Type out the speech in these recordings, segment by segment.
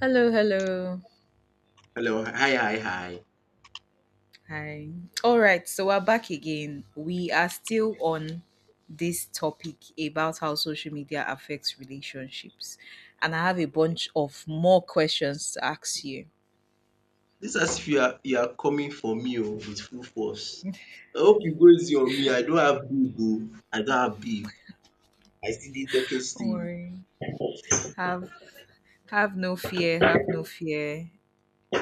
Hello, hello. Hello. Hi, hi, hi. Hi. All right, so we're back again. We are still on this topic about how social media affects relationships. And I have a Okay. bunch of more questions to ask you. Dis as if you are coming for me oh with full force. I hope you go easy on me. I don't have big oh. I don't have big. I still dey talking Don't still. worry. Have have no fear, have no fear,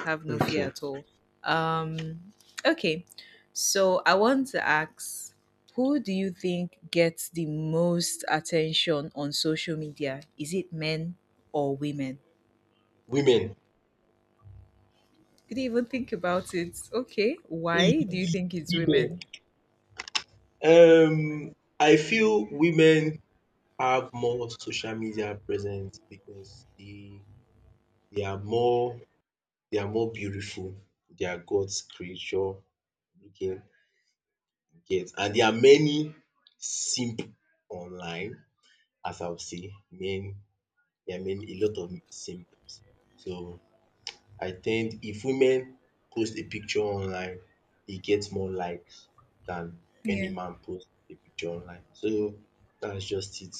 have no fear Okay. at all. Um okay. So I want to ask, who do you think gets the most attention on social media? Is it men or women? Women. Did you even think about it? Okay. Why do you think it's Women. women? I feel women have more social media presence because they are more, they are more beautiful. They are God's creature looking get, and there are many simp online. As I would say, men, there are many, a lot of symbols. So I think if women post a picture online, e get more likes than any Yeah. man post a picture online. So that's just it.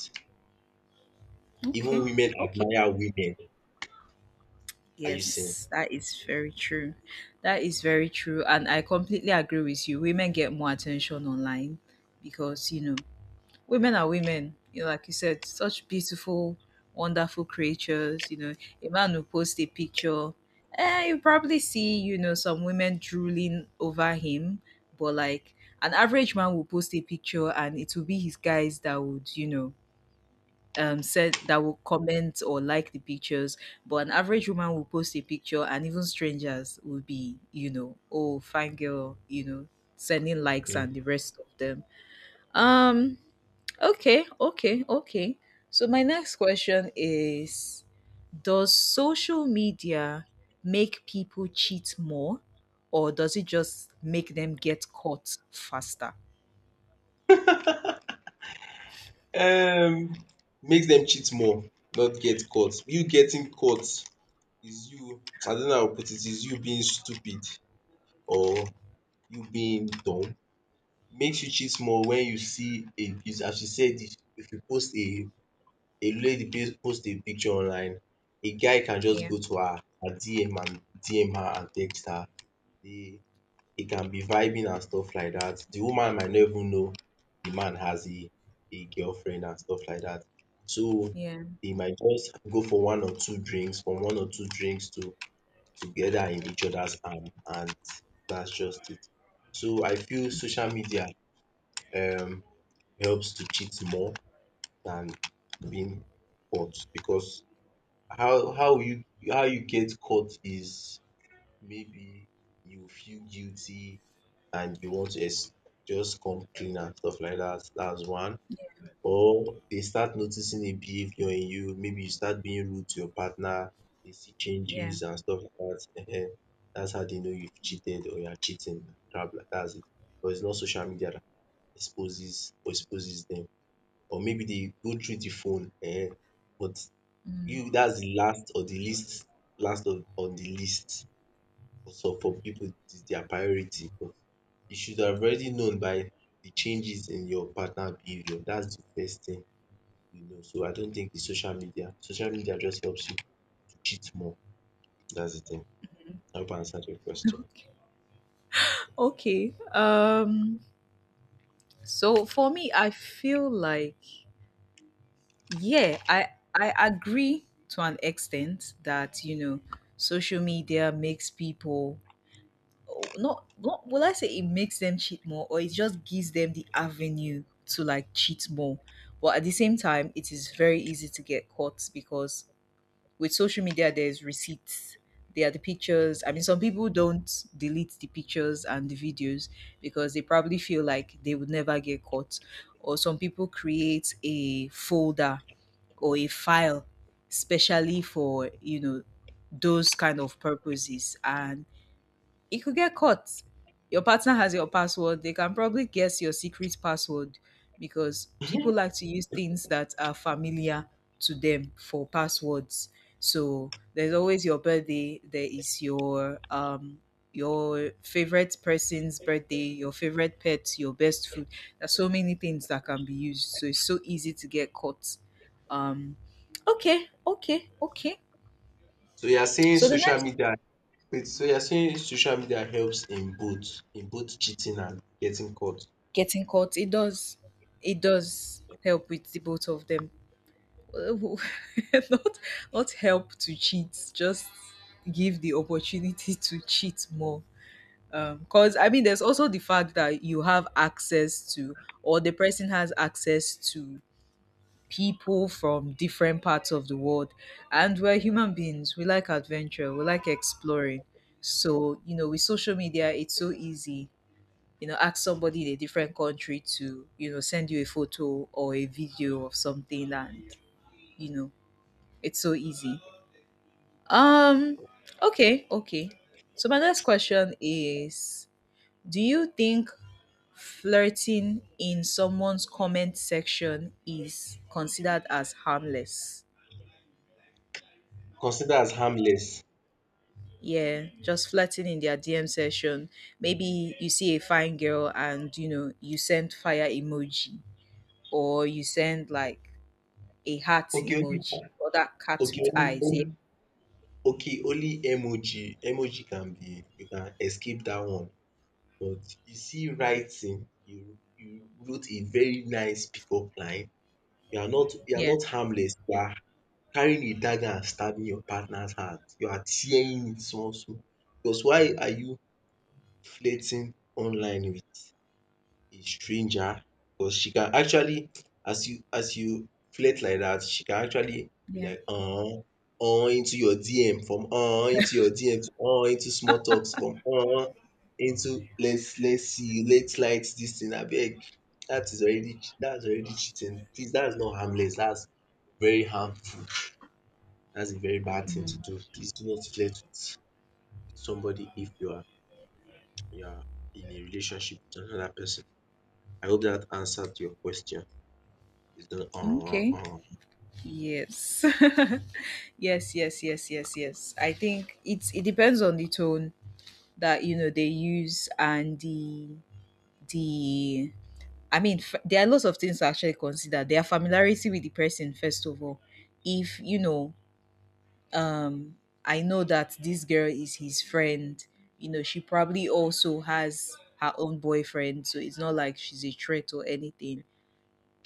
Even Okay. women Okay. admire women. Are you seeing? Yes, that is very true. That is very true. And I completely agree with you. Women get more attention online because, you know, women are women. You know, like you said, such beautiful, wonderful creatures. You know, a man will post a picture, eh, you probably see, you know, some women drooling over him. But like an average man will post a picture and it will be his guys that would, you know, said that will comment or like the pictures. But an average woman will post a picture and even strangers will be, you know, oh fine girl, you know, sending likes Mm. and the rest of them. Um Okay, okay, okay. So my next question is, does social media make people cheat more, or does it just make them get caught faster? um Makes them cheat more, not get caught. You getting caught is you, I don't know how to put it, is you being stupid or you being dumb. Make you cheat more. When you see a as you said, if you post a lady post a picture online, a guy can just Yeah, go to her DM and DM her and text her. They they can be vibing and stuff like that. The woman might not even know the man has a girlfriend and stuff like that. So yeah, they might just go for one or two drinks, from one or two drinks to together in each other's arm, and that's just it. So I feel social media um helps to cheat more than being caught. Because how how you how you get caught is maybe you feel guilty and you want to just come clean and stuff like that. That's one. Or they start noticing a behavior in you. Maybe you start being rude to your partner. They see yeah. changes and stuff like that. Ehen. That's how they know you've cheated or you're cheating. Crap like that's it. But it's not social media that exposes them, or maybe they go through the phone, but Mm. you, that's the last or the least, last of on the list. So for people, it is their priority. But you should have already known by the changes in your partner behavior. That's the first thing, you know. So I don't think it's social media. Social media just helps you to cheat more. That's the thing. I hope I answered your question. Okay. So for me I feel like, yeah, I agree to an extent that, you know, social media makes people, oh, not will I say it makes them cheat more, or it just gives them the avenue to like cheat more. But at the same time, it is very easy to get caught because with social media there's receipts. There are the pictures. I mean, some people don't delete the pictures and the videos because they probably feel like they would never get caught. Or some people create a folder or a file specially for, you know, those kind of purposes, and it could get caught. Your partner has your password. They can probably guess your secret password because people like to use things that are familiar to them for passwords. So there's always your birthday. There is your favorite person's birthday, your favorite pet, your best food. There's so many things that can be used. So it's so easy to get caught. Um, okay, okay, okay. So you are saying So the social next, media, wait, so you are saying social media helps in both, in both cheating and getting caught. getting caught. It does help with the both of them. Not not help to cheat, just give the opportunity to cheat more. Because I mean, there's also the fact that you have access to, or the person has access to people from different parts of the world, and we're human beings. We like adventure. We like exploring. So you know, with social media, it's so easy, you know, ask somebody in a different country to, you know, send you a photo or a video of something, and you know, it's so easy. um okay, okay, so my next question is, do you think flirting in someone's comment section is considered as harmless? Consider as harmless. Yeah, just flirting in their DM session. Maybe you see a fine girl and you know you send fire emoji, or you send like a heart Okay. emoji or that cat Okay with only eyes. only Yeah, okay only emoji emoji can be, you can escape dat one. But you see writing, you wrote a very nice pickup line. You are yeah, not harmless, you are carrying a dagger and stabbing your partner's heart, you are tearing it small small. Because why are you flirting online with a stranger? Because she can actually, as you flirt like that, she can actually be yeah. like, into your DM, from into your DM, to into small talks, from into, let's see, let's light this thing abeg. Dat is already, that is already cheating, please. That is not harmless. That's very harmful. That's a very bad thing to Mm. do. Please do not flirt with somebody if you are in a relationship with another person. I hope that answered your question. The Okay. Yes. Yes, yes, yes, yes, yes. I think it's it depends on the tone that you know they use, and the I mean, there are lots of things to actually consider. Their familiarity with the person, first of all. If you know, um I know that this girl is his friend, you know, she probably also has her own boyfriend, so it's not like she's a threat or anything.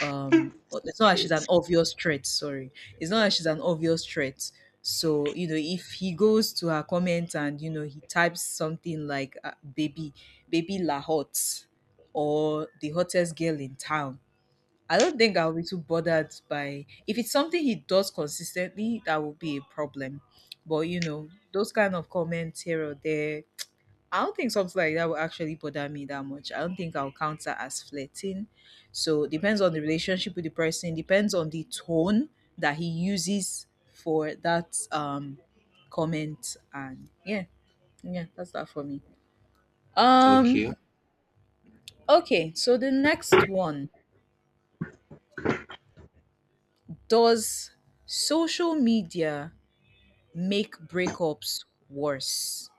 But it's not like she's an Traits. obvious threat, sorry, it's not like she's an obvious threat. So you know, if he goes to her comment and you know he types something like baby, baby la hot, or the hottest girl in town, I don't think I'll be too bothered by, if it's something he does consistently, that will be a problem. But you know, those kind of comments here or there, I don't think something like that will actually bother me that much. I don't think I'll count that as flirting. So depends on the relationship with the person, depends on the tone that he uses for that comment. And yeah, yeah, that's that for me. Um Okay. okay, so the next one. Does social media make breakups worse?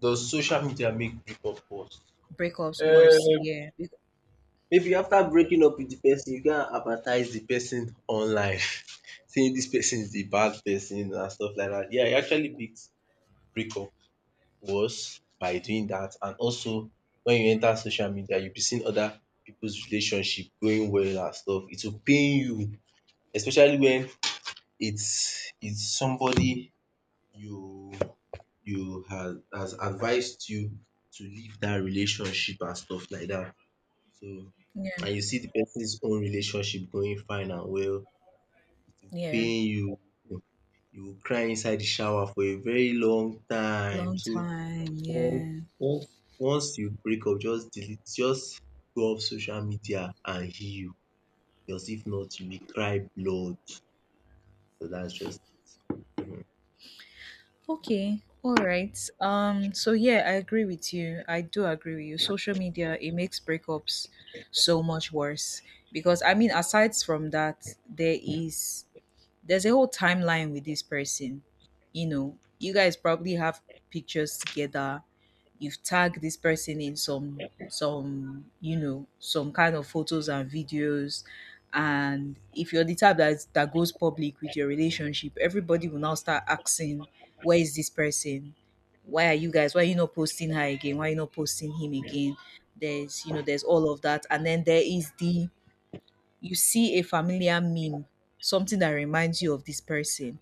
Does social media make breakup worse? Breakups worse, Um yeah. Maybe after Okay. breaking up with the person, you can advertise the person online, saying this person is the bad person and stuff like that. Yeah, it actually makes breakup worse by doing that. And also, when you enter social media, you'll be seeing other people's relationship going well and stuff. It will pain you, especially when it's somebody you you has advised you to leave that relationship and stuff like that. So, Yeah. and you see the person's own relationship going fine and well, Yeah. paying you, you will cry inside the shower for a very long time. Long So time, once yeah. once once you break up, just delete, just go off social media and heal. Because if not, you will cry blood. So that's just. Mhm. Okay. All right. So yeah, I agree with you. I do agree with you. Social media, it makes breakups so much worse, because I mean, aside from that, there is there's a whole timeline with this person. You know, you guys probably have pictures together. You've tagged this person in some you know, some kind of photos and videos, and if you're the type that goes public with your relationship, everybody will now start asking, where is this person? Why are you guys? Why are you not posting her again? Why are you not posting him again? There's, you know, there's all of that. And then there is the, you see a familiar meme, something that reminds you of this person.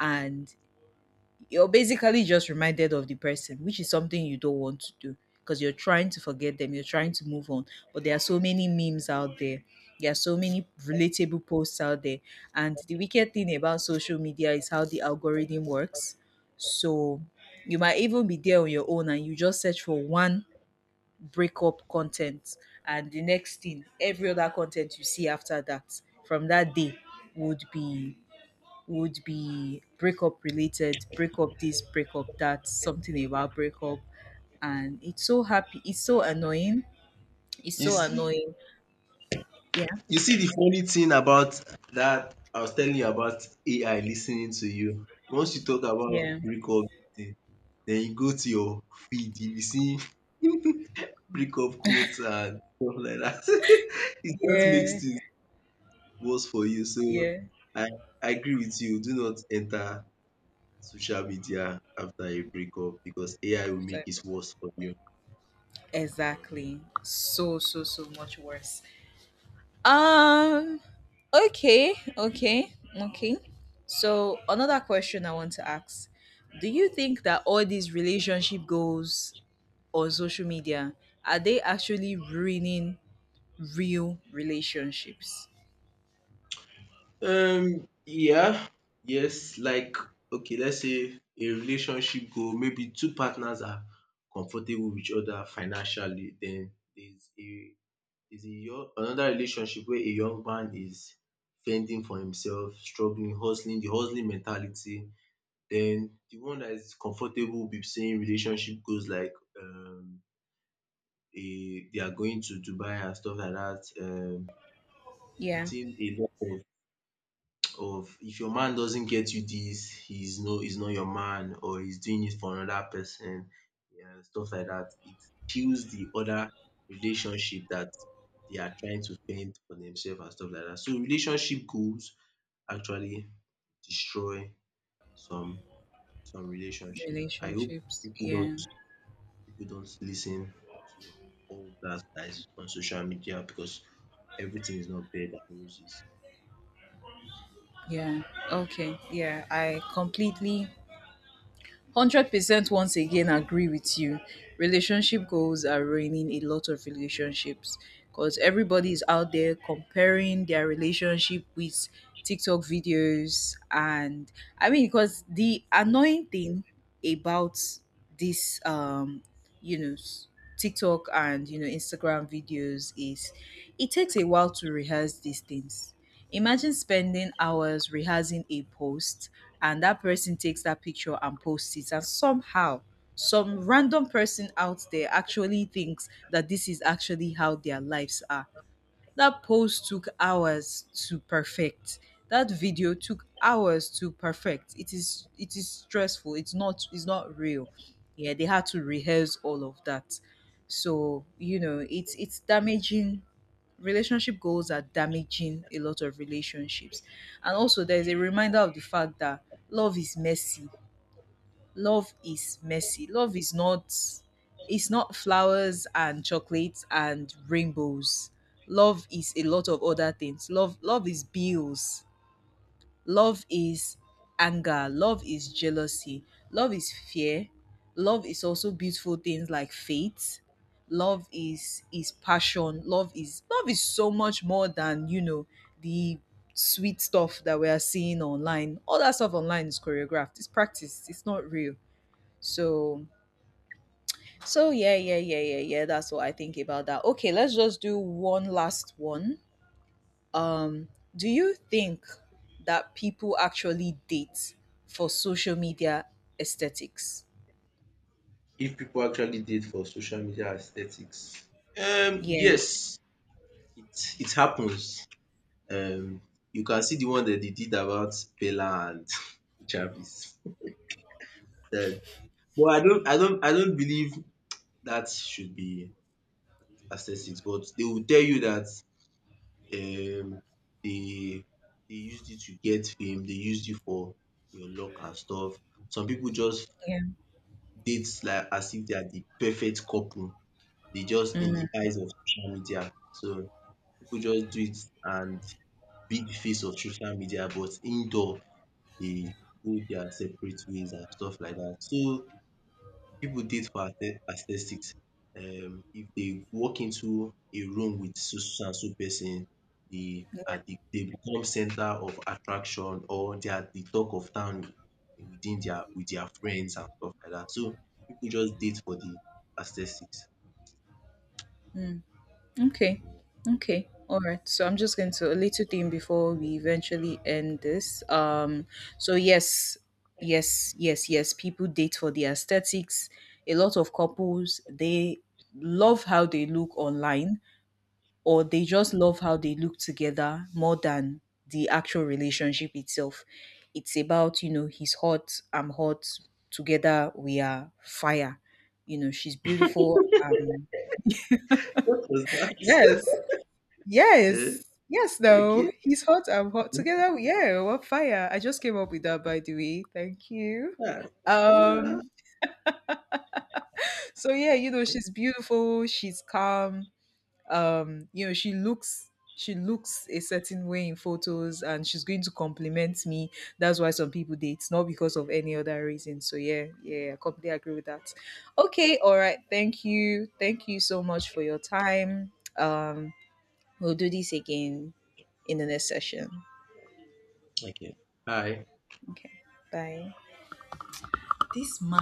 And you're basically just reminded of the person, which is something you don't want to do because you're trying to forget them, you're trying to move on. But there are so many memes out there, there are so many relatable posts out there. And the wicked thing about social media is how the algorithm works. So you might even be there on your own and you just search for one breakup content, and the next thing, every other content you see after that from that day would be would be breakup related, breakup this, breakup that, something about breakup. And it's so happy, it's so annoying, it's You so see, annoying. Yeah, you see the funny thing about that I was telling you about AI listening to you. Once you talk about yeah, breakup thing, then you go to your feed, you be seeing breakup quotes and stuff like that. It just yeah, makes things worse for you. So yeah. I I agree with you. Do not enter social media after a breakup because AI will make After it breakup. worse for you. Mhm. Exactly, so so so much worse. um okay, okay, okay. So another question I want to ask, do you think that all these relationship goals on social media, are they actually ruining real relationships? Yeah, yes, like okay, let's say a relationship goal, maybe two partners are comfortable with each other financially, then there's a there's a young, another relationship where a young man is fending for himself, struggling, hustling, the hustling mentality. Then the one that is comfortable with saying relationship goals like, um a, they are going to Dubai and stuff like that, Yeah, putting a lot of, if your man doesn't get you this, he's not your man, or he's doing it for another person, yeah, stuff like that. It kills the other relationship that they are trying to fend for themselves and stuff like that. So relationship goals actually destroy some some relationship. I hope relationships. people Yeah, don't people don't listen to all that that is on social media because everything is not bed and roses. yeah. Okay, yeah. I completely 100% once again agree with you. Relationship goals are ruining a lot of relationships because everybody is out there comparing their relationship with TikTok videos. And I mean, because the annoying thing about this you know, TikTok and you know Instagram videos is, it takes a while to rehearse these things. Imagine spending hours rehearsing a post, and that person takes that picture and posts it, and somehow some random person out there actually thinks that this is actually how their lives are. That pose took hours to perfect. That video took hours to perfect. It is stressful. It's not real. Yeah, they had to rehearse all of that. So, you know, it's damaging. Relationship goals are damaging a lot of relationships. And also there's a reminder of the fact that love is messy, love is messy. Love is not, it's not flowers and chocolates and rainbows. Love is a lot of other things. Love is bills. Love is anger. Love is jealousy. Love is fear. Love is also beautiful things like faith. Love is passion. Love is so much more than, you know, the sweet stuff that we are seeing online. All that stuff online is choreographed. It's practiced. It's not real. So, so yeah, yeah, yeah, yeah, yeah. That's what I think about that. Okay, let's just do one last one. Um, do you think that people actually date for social media aesthetics? If people actually date for social media aesthetics? Yeah, Yes, it it happens. Um, you can see the one that they did about Bella and Jarvis. Then, but I don't believe that should be aesthetics. But they will tell you that, um, they they used you to get fame. They used you for your luck and stuff. Some people just yeah. date like as if they are the perfect couple. They just, in the eyes of social media. So people just do it and be the face of social media, but indoor dey go their separate ways and stuff like that. So people date for aesthetics. If they walk into a room with so so and so person, they are the, dey become center of attraction, or they are the talk of town within their, with their friends and stuff like that. So people just date for the aesthetics. Mm. Okay. Yeah. Okay. All right. So I'm just going to a little thing before we eventually end this. So yes, yes, yes, yes, people date for the aesthetics. A lot of couples, they love how they look online, or they just love how they look together more than the actual relationship itself. It's about, you know, he's hot, I'm hot, together we are fire. You know, she's beautiful, What was yes. that? um Yes. Yes, though. okay. He's hot. I'm hot. Together, yeah, we're on fire. I just came up with that, by the way. Thank you. Yeah. Um, so yeah, you know, Right? she's beautiful, she's calm. You know, she looks, she looks a certain way in photos, and she's going to compliment me. That's why some people date, not because of any other reason. So yeah, yeah, I completely agree with that. Okay, all right. Thank you. Thank you so much for your time. Um We'll do this again in the next session. Okay. Hi. Okay. Bye. This